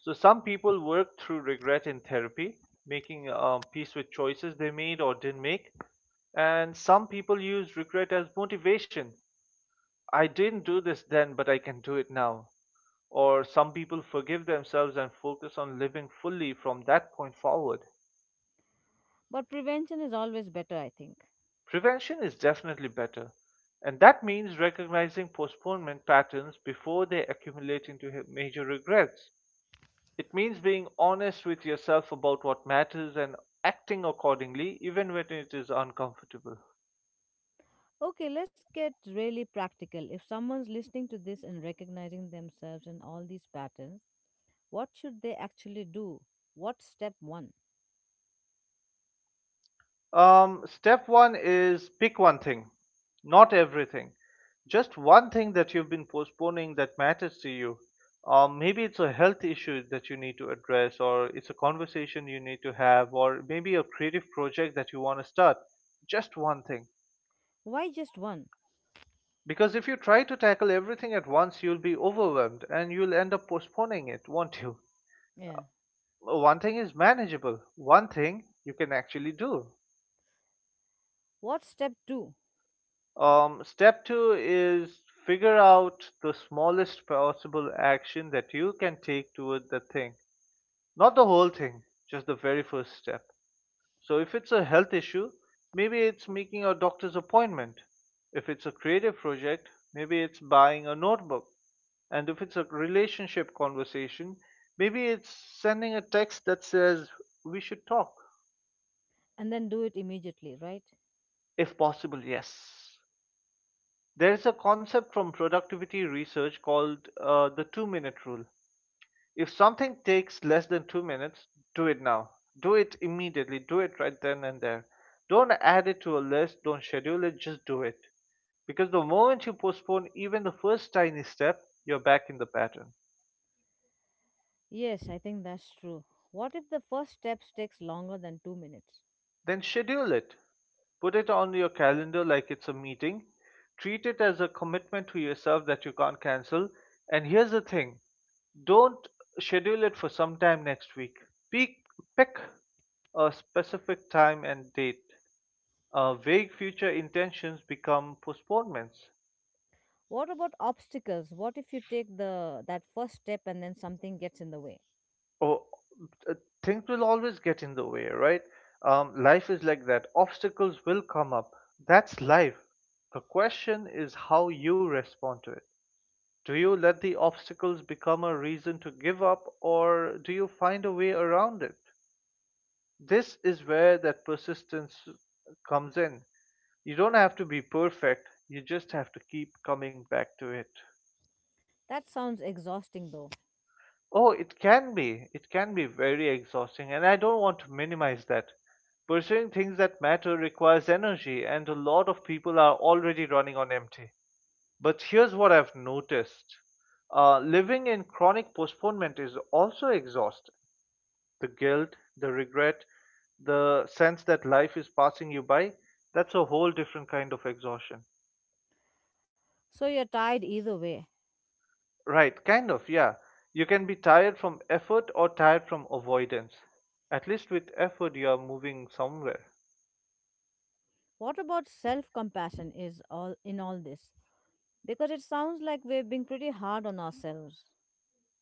So, some people work through regret in therapy, making peace with choices they made or didn't make. And some people use regret as motivation. I didn't do this then, but I can do it now. Or some people forgive themselves and focus on living fully from that point forward.
But prevention is always better, I think.
Prevention is definitely better, and that means recognizing postponement patterns before they accumulate into major regrets. It means being honest with yourself about what matters and acting accordingly, even when it is uncomfortable.
Okay, let's get really practical. If someone's listening to this and recognizing themselves in all these patterns, what should they actually do? What's step one?
Step one is pick one thing, not everything. Just one thing that you've been postponing that matters to you. Maybe it's a health issue that you need to address, or it's a conversation you need to have, or maybe a creative project that you want to start. Just one thing.
Why just one?
Because if you try to tackle everything at once, you'll be overwhelmed and you'll end up postponing it, won't you?
Yeah.
One thing is manageable, one thing you can actually do.
What's step two?
Step two is figure out the smallest possible action that you can take toward the thing. Not the whole thing, just the very first step. So, if it's a health issue, maybe it's making a doctor's appointment. If it's a creative project, maybe it's buying a notebook. And if it's a relationship conversation, maybe it's sending a text that says, "We should talk."
And then do it immediately, right?
If possible, yes. There's a concept from productivity research called the two-minute rule. If something takes less than 2 minutes, do it now. Do it immediately. Do it right then and there. Don't add it to a list. Don't schedule it. Just do it. Because the moment you postpone even the first tiny step, you're back in the pattern.
Yes, I think that's true. What if the first step takes longer than 2 minutes?
Then schedule it. Put it on your calendar like it's a meeting. Treat it as a commitment to yourself that you can't cancel. And here's the thing: don't schedule it for some time next week. Pick, pick a specific time and date. Vague future intentions become postponements.
What about obstacles? What if you take the that first step and then something gets in the way?
Or uh, things will always get in the way, right? Life is like that. Obstacles will come up. That's life. The question is how you respond to it. Do you let the obstacles become a reason to give up, or do you find a way around it? This is where that persistence comes in. You don't have to be perfect, you just have to keep coming back to it.
That sounds exhausting though.
Oh, it can be. It can be very exhausting, and I don't want to minimize that. Pursuing things that matter requires energy, and a lot of people are already running on empty. But here's what I've noticed: living in chronic postponement is also exhausting. The guilt, the regret, the sense that life is passing you by, that's a whole different kind of exhaustion.
So you're tired either way.
Right, kind of, yeah. You can be tired from effort or tired from avoidance. At least with effort, you are moving somewhere.
What about self compassion is all in all this? Because it sounds like we're being pretty hard on ourselves.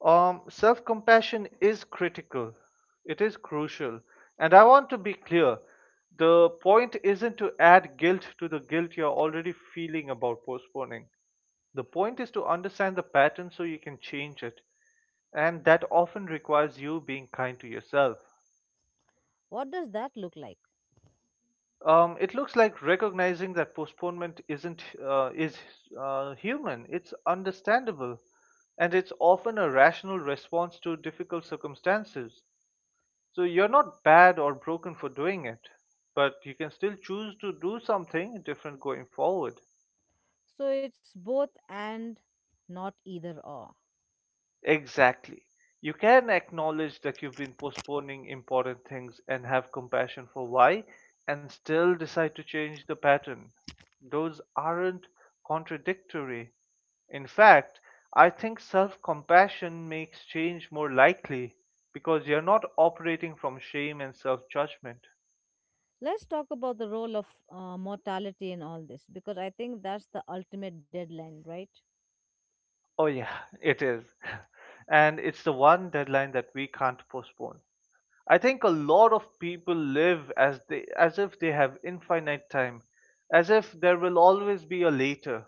Self compassion is critical, it is crucial. And I want to be clear: the point isn't to add guilt to the guilt you're already feeling about postponing. The point is to understand the pattern so you can change it. And that often requires you being kind to yourself.
What does that look like?
It looks like recognizing that postponement isn't is human. It's understandable, and it's often a rational response to difficult circumstances. So you're not bad or broken for doing it, but you can still choose to do something different going forward.
So it's both and not either or.
Exactly. You can acknowledge that you've been postponing important things and have compassion for why, and still decide to change the pattern. Those aren't contradictory. In fact, I think self compassion makes change more likely because you're not operating from shame and self judgment.
Let's talk about the role of, mortality in all this, because I think that's the ultimate deadline, right?
Oh, yeah, it is. [laughs] And it's the one deadline that we can't postpone. I think a lot of people live as they as if they have infinite time, as if there will always be a later.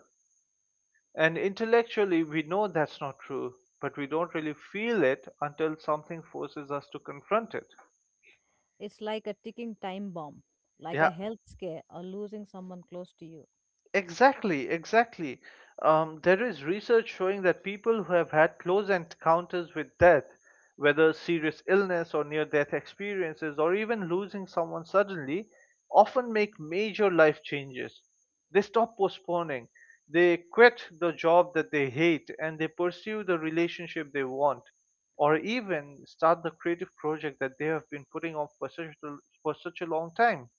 And intellectually we know that's not true, but we don't really feel it until something forces us to confront it.
It's like a ticking time bomb, like
Yeah,
a health scare or losing someone close to you.
exactly, exactly. There is research showing that people who have had close encounters with death, whether serious illness or near death experiences, or even losing someone suddenly, often make major life changes. They stop postponing, they quit the job that they hate, and they pursue the relationship they want, or even start the creative project that they have been putting off for for such a long time.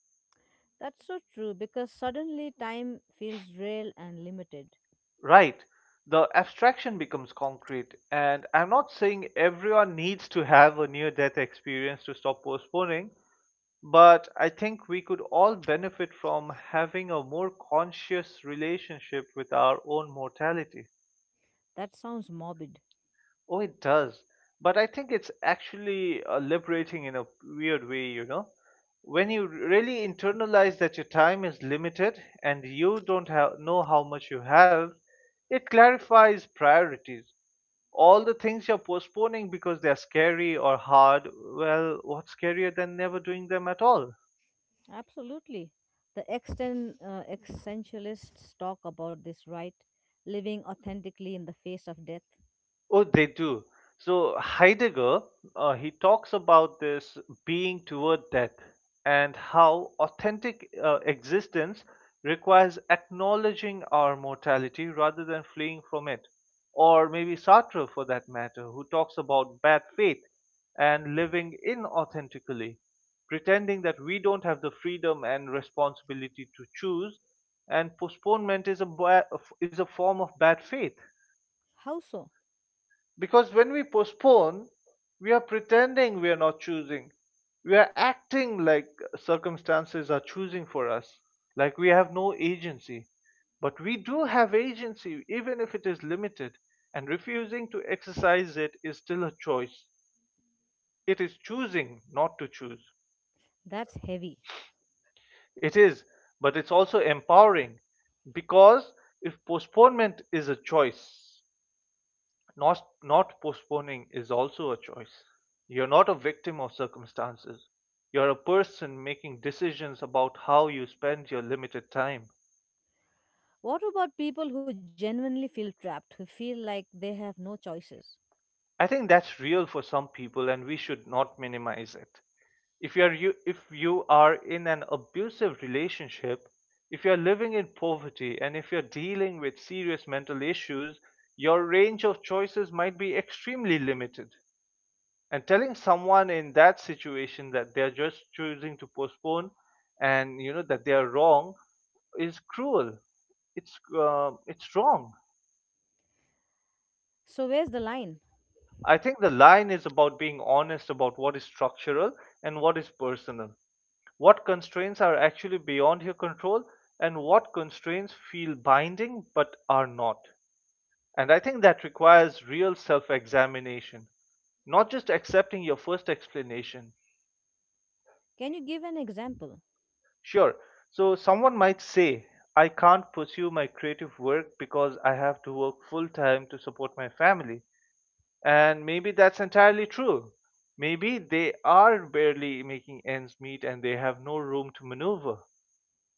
That's so true because suddenly time feels real and limited.
Right. The abstraction becomes concrete. And I'm not saying everyone needs to have a near death experience to stop postponing, but I think we could all benefit from having a more conscious relationship with our own mortality.
That sounds morbid.
Oh, it does. But I think it's actually liberating in a weird way, you know? When you really internalize that your time is limited and you don't have, know how much you have, it clarifies priorities. All the things you're postponing because they're scary or hard, well, what's scarier than never doing them at all?
Absolutely. The existentialists talk about this, right? Living authentically in the face of death.
Oh, they do. So Heidegger, he talks about this being toward death and how authentic existence requires acknowledging our mortality rather than fleeing from it. Or maybe Sartre, for that matter, who talks about bad faith and living inauthentically, pretending that we don't have the freedom and responsibility to choose, and postponement is a form of bad faith.
How so?
Because when we postpone, we are pretending we are not choosing. We are acting like circumstances are choosing for us, like we have no agency. But we do have agency, even if it is limited, and refusing to exercise it is still a choice. It is choosing not to choose.
That's heavy.
It is, but it's also empowering because if postponement is a choice, not postponing is also a choice. You're not a victim of circumstances. You're a person making decisions about how you spend your limited time.
What about people who genuinely feel trapped, who feel like they have no choices?
I think that's real for some people, and we should not minimize it. If you are in an abusive relationship, if you're living in poverty, and if you're dealing with serious mental issues, your range of choices might be extremely limited. And telling someone in that situation that they're just choosing to postpone and you know that they are wrong is cruel. It's it's wrong.
So, where's the line?
I think the line is about being honest about what is structural and what is personal, what constraints are actually beyond your control and what constraints feel binding but are not. And I think that requires real self examination, not just accepting your first explanation.
Can you give an example?
Sure. So someone might say, I can't pursue my creative work because I have to work full time to support my family. And maybe that's entirely true. Maybe they are barely making ends meet and they have no room to maneuver.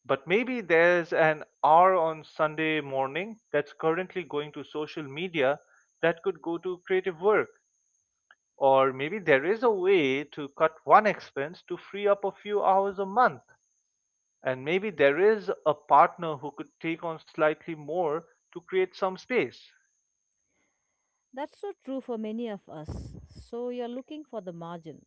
But maybe there's an hour on Sunday morning that's currently going to social media that could go to creative work. Or maybe there is a way to cut one expense to free up a few hours a month, and maybe there is a partner who could take on slightly more to create some space.
That's so true for many of us. So, you're looking for the margins.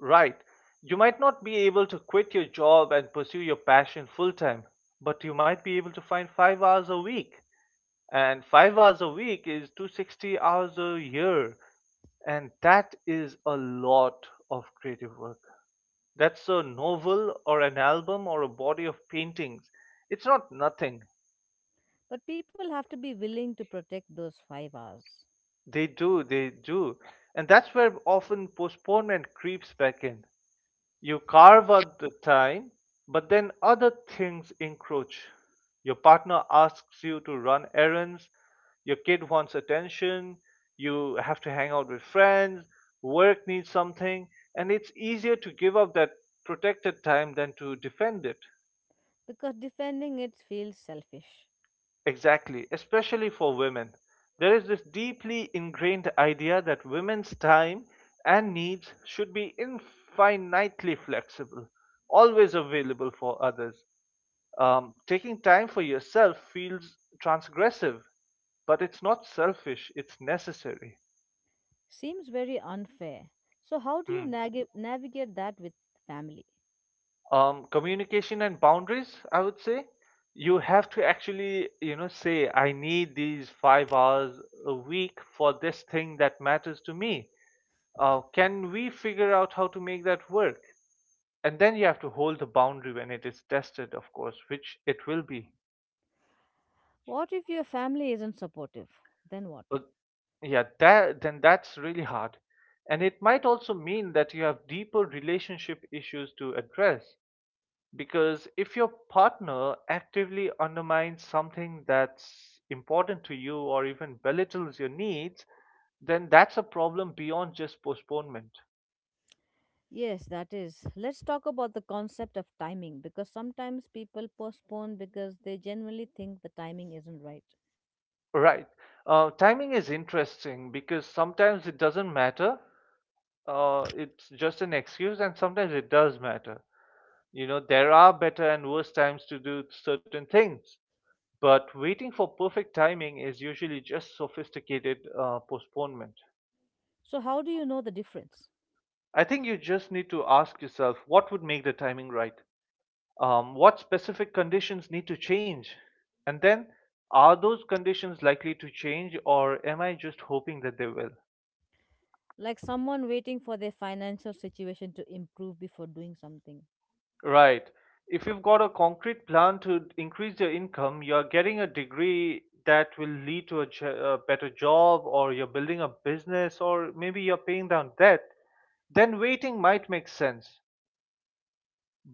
Right. You might not be able to quit your job and pursue your passion full time, but you might be able to find 5 hours a week. And 5 hours a week is 260 hours a year. And that is a lot of creative work. That's a novel or an album or a body of paintings. It's not nothing.
But people have to be willing to protect those 5 hours
They do, they do. And that's where often postponement creeps back in. You carve out the time, but then other things encroach. Your partner asks you to run errands, your kid wants attention, you have to hang out with friends, work needs something, and it's easier to give up that protected time than to defend it.
because defending it feels selfish.
Exactly, especially for women. There is this deeply ingrained idea that women's time and needs should be infinitely flexible, always available for others. Taking time for yourself feels transgressive, but it's not selfish, it's necessary.
Seems very unfair. So, how do you
Mm.
navigate that with family?
Communication and boundaries, I would say. You have to actually, say, I need these 5 hours a week for this thing that matters to me. Can we figure out how to make that work? And then you have to hold the boundary when it is tested, of course, which it will be.
What if your family isn't supportive? Then what?
But yeah, that, then that's really hard. And it might also mean that you have deeper relationship issues to address. Because if your partner actively undermines something that's important to you or even belittles your needs, then that's a problem beyond just postponement.
Yes, that is. Let's talk about the concept of timing because sometimes people postpone because they genuinely think the timing isn't right.
Right. Timing is interesting because sometimes it doesn't matter. It's just an excuse, and sometimes it does matter. There are better and worse times to do certain things, but waiting for perfect timing is usually just sophisticated postponement.
So, how do you know the difference?
I think you just need to ask yourself, what would make the timing right? What specific conditions need to change? And then, are those conditions likely to change, or am I just hoping that they will?
Like someone waiting for their financial situation to improve before doing something.
Right. If you've got a concrete plan to increase your income, you're getting a degree that will lead to a better job, or you're building a business, or maybe you're paying down debt, then waiting might make sense.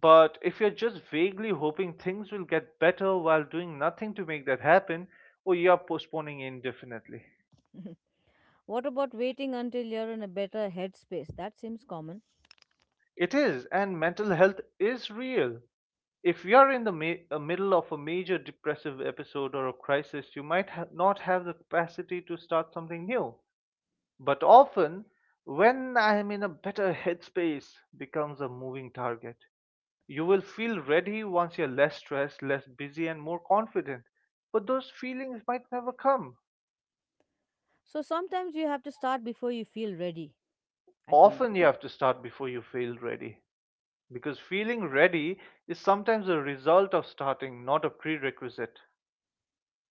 But if you're just vaguely hoping things will get better while doing nothing to make that happen, or you're postponing indefinitely.
What about waiting until you're in a better headspace? That seems common.
It is, and mental health is real. If you are in the middle of a major depressive episode or a crisis, you might not have the capacity to start something new. But often, when I am in a better headspace, becomes a moving target. You will feel ready once you're less stressed, less busy, and more confident. But those feelings might never come.
So, sometimes you have to start before you feel ready, I think.
Often, you have to start before you feel ready, because feeling ready is sometimes a result of starting, not a prerequisite.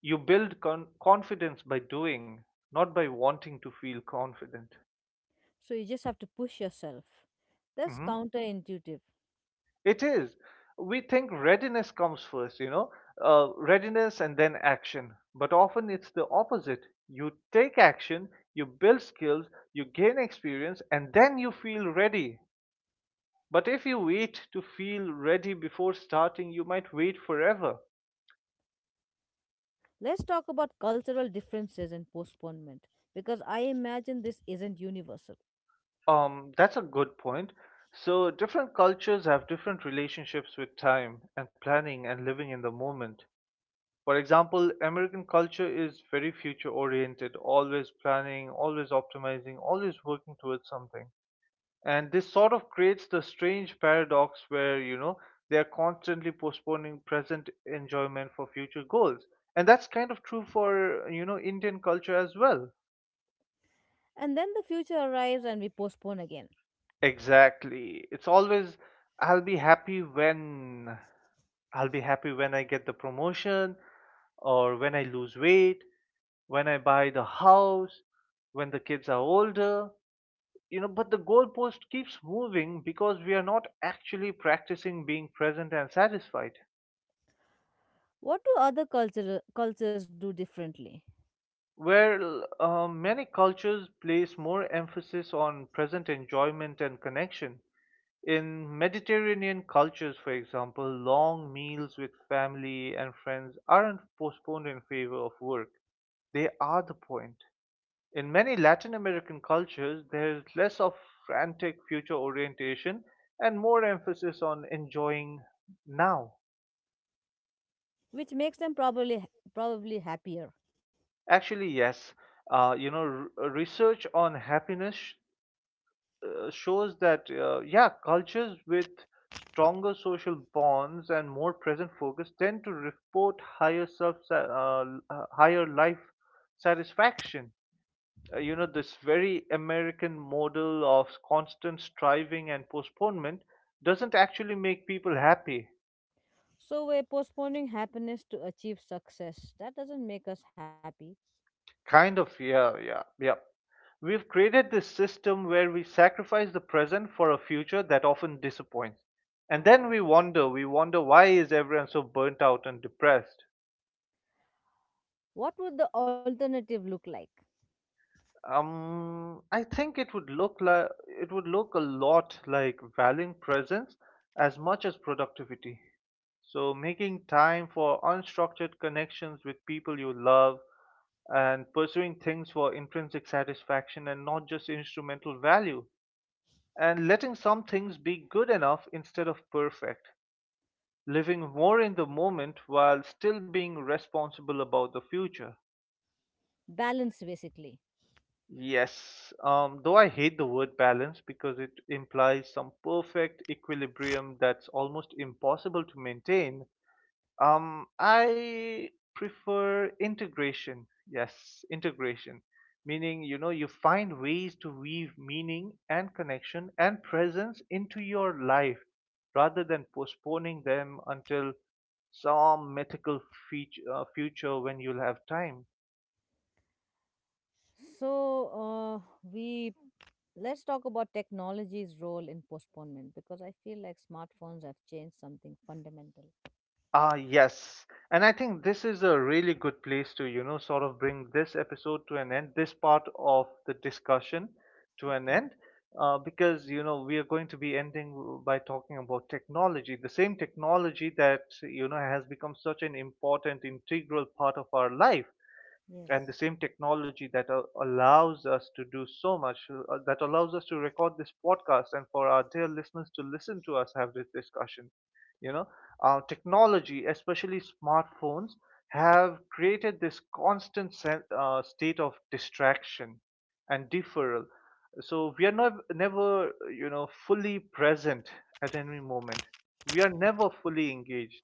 You build confidence by doing, not by wanting to feel confident.
So you just have to push yourself. That's
Mhm.
counterintuitive.
It is. We think readiness comes first, readiness and then action. But often it's the opposite. You take action, you build skills, you gain experience, and then you feel ready. But if you wait to feel ready before starting, you might wait forever.
Let's talk about cultural differences and postponement because I imagine this isn't universal.
That's a good point. So, different cultures have different relationships with time and planning and living in the moment. For example, American culture is very future oriented, always planning, always optimizing, always working towards something. And this sort of creates the strange paradox where, they are constantly postponing present enjoyment for future goals. And that's kind of true for, Indian culture as well.
And then the future arrives and we postpone again.
Exactly. It's always, I'll be happy when, I'll be happy when I get the promotion, or when I lose weight, when I buy the house, when the kids are older, but the goalpost keeps moving because we are not actually practicing being present and satisfied.
What do other cultures do differently,
Where many cultures place more emphasis on present enjoyment and connection. In Mediterranean cultures, for example, long meals with family and friends aren't postponed in favor of work. They are the point. In many Latin American cultures, there's less of frantic future orientation and more emphasis on enjoying now.
which makes them probably happier?
Actually, yes. Research on happiness shows that cultures with stronger social bonds and more present focus tend to report higher life satisfaction. This very American model of constant striving and postponement doesn't actually make people happy.
So we're postponing happiness to achieve success. That doesn't make us happy.
Kind of. Yeah, yeah, yeah. We've created this system where we sacrifice the present for a future that often disappoints. And then we wonder, why is everyone so burnt out and depressed?
What would the alternative look like?
I think it would look like, it would look a lot like valuing presence as much as productivity. So, making time for unstructured connections with people you love and pursuing things for intrinsic satisfaction and not just instrumental value. And letting some things be good enough instead of perfect, living more in the moment while still being responsible about the future.
Balance basically.
Yes, though I hate the word balance because it implies some perfect equilibrium that's almost impossible to maintain. I prefer integration. Yes, integration. Meaning, you find ways to weave meaning and connection and presence into your life rather than postponing them until some mythical future when you'll have time.
So uh, we let's talk about technology's role in postponement because I feel like smartphones have changed something fundamental.
Ah, yes. And I think this is a really good place to, sort of bring this episode to an end, this part of the discussion to an
Okay.
end, because, we are going to be ending by talking about technology, the same technology that, has become such an important, integral part of our life, and the
Yes.
same technology that allows us to do so much, that allows us to record this podcast and for our dear listeners to listen to us have this discussion. You know, Technology, especially smartphones, have created this constant state of distraction and deferral. So we are not, never, fully present at any moment. We are never fully engaged,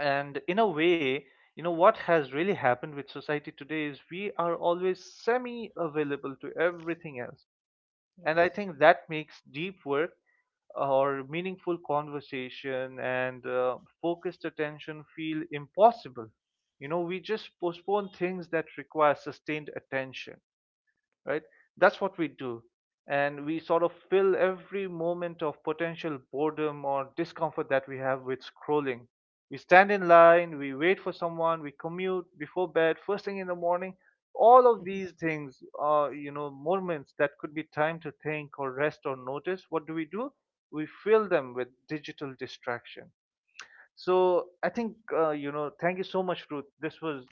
and in a way, what has really happened with society today is we are always semi available to everything else. And I
Yes.
think that makes deep work or meaningful conversation and focused attention feel impossible. We just postpone things that require sustained attention. Right? That's what we do. And we sort of fill every moment of potential boredom or discomfort that we have with scrolling. We stand in line, we wait for someone, we commute before bed, first thing in the morning. All of these things are, moments that could be time to think or rest or notice. What do? We fill them with digital distraction. So I think, thank you so much, Ruth. This was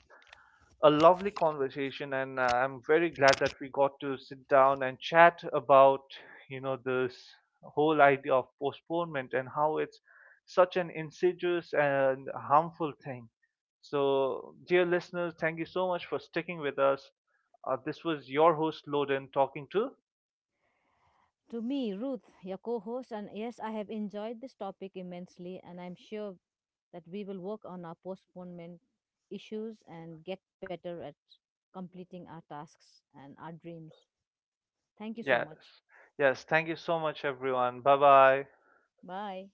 a lovely conversation, and I'm very glad that we got to sit down and chat about, this whole idea of postponement and how it's such an insidious and harmful thing. So, dear listeners, thank you so much for sticking with us. This was your host, Loden, talking to.
To me, Ruth, your co-host, and yes, I have enjoyed this topic immensely, and I'm sure that we will work on our postponement issues and get better at completing our tasks and our dreams. Thank you so
Yes.
much.
Yes. Thank you so much, everyone. Bye bye.
Bye.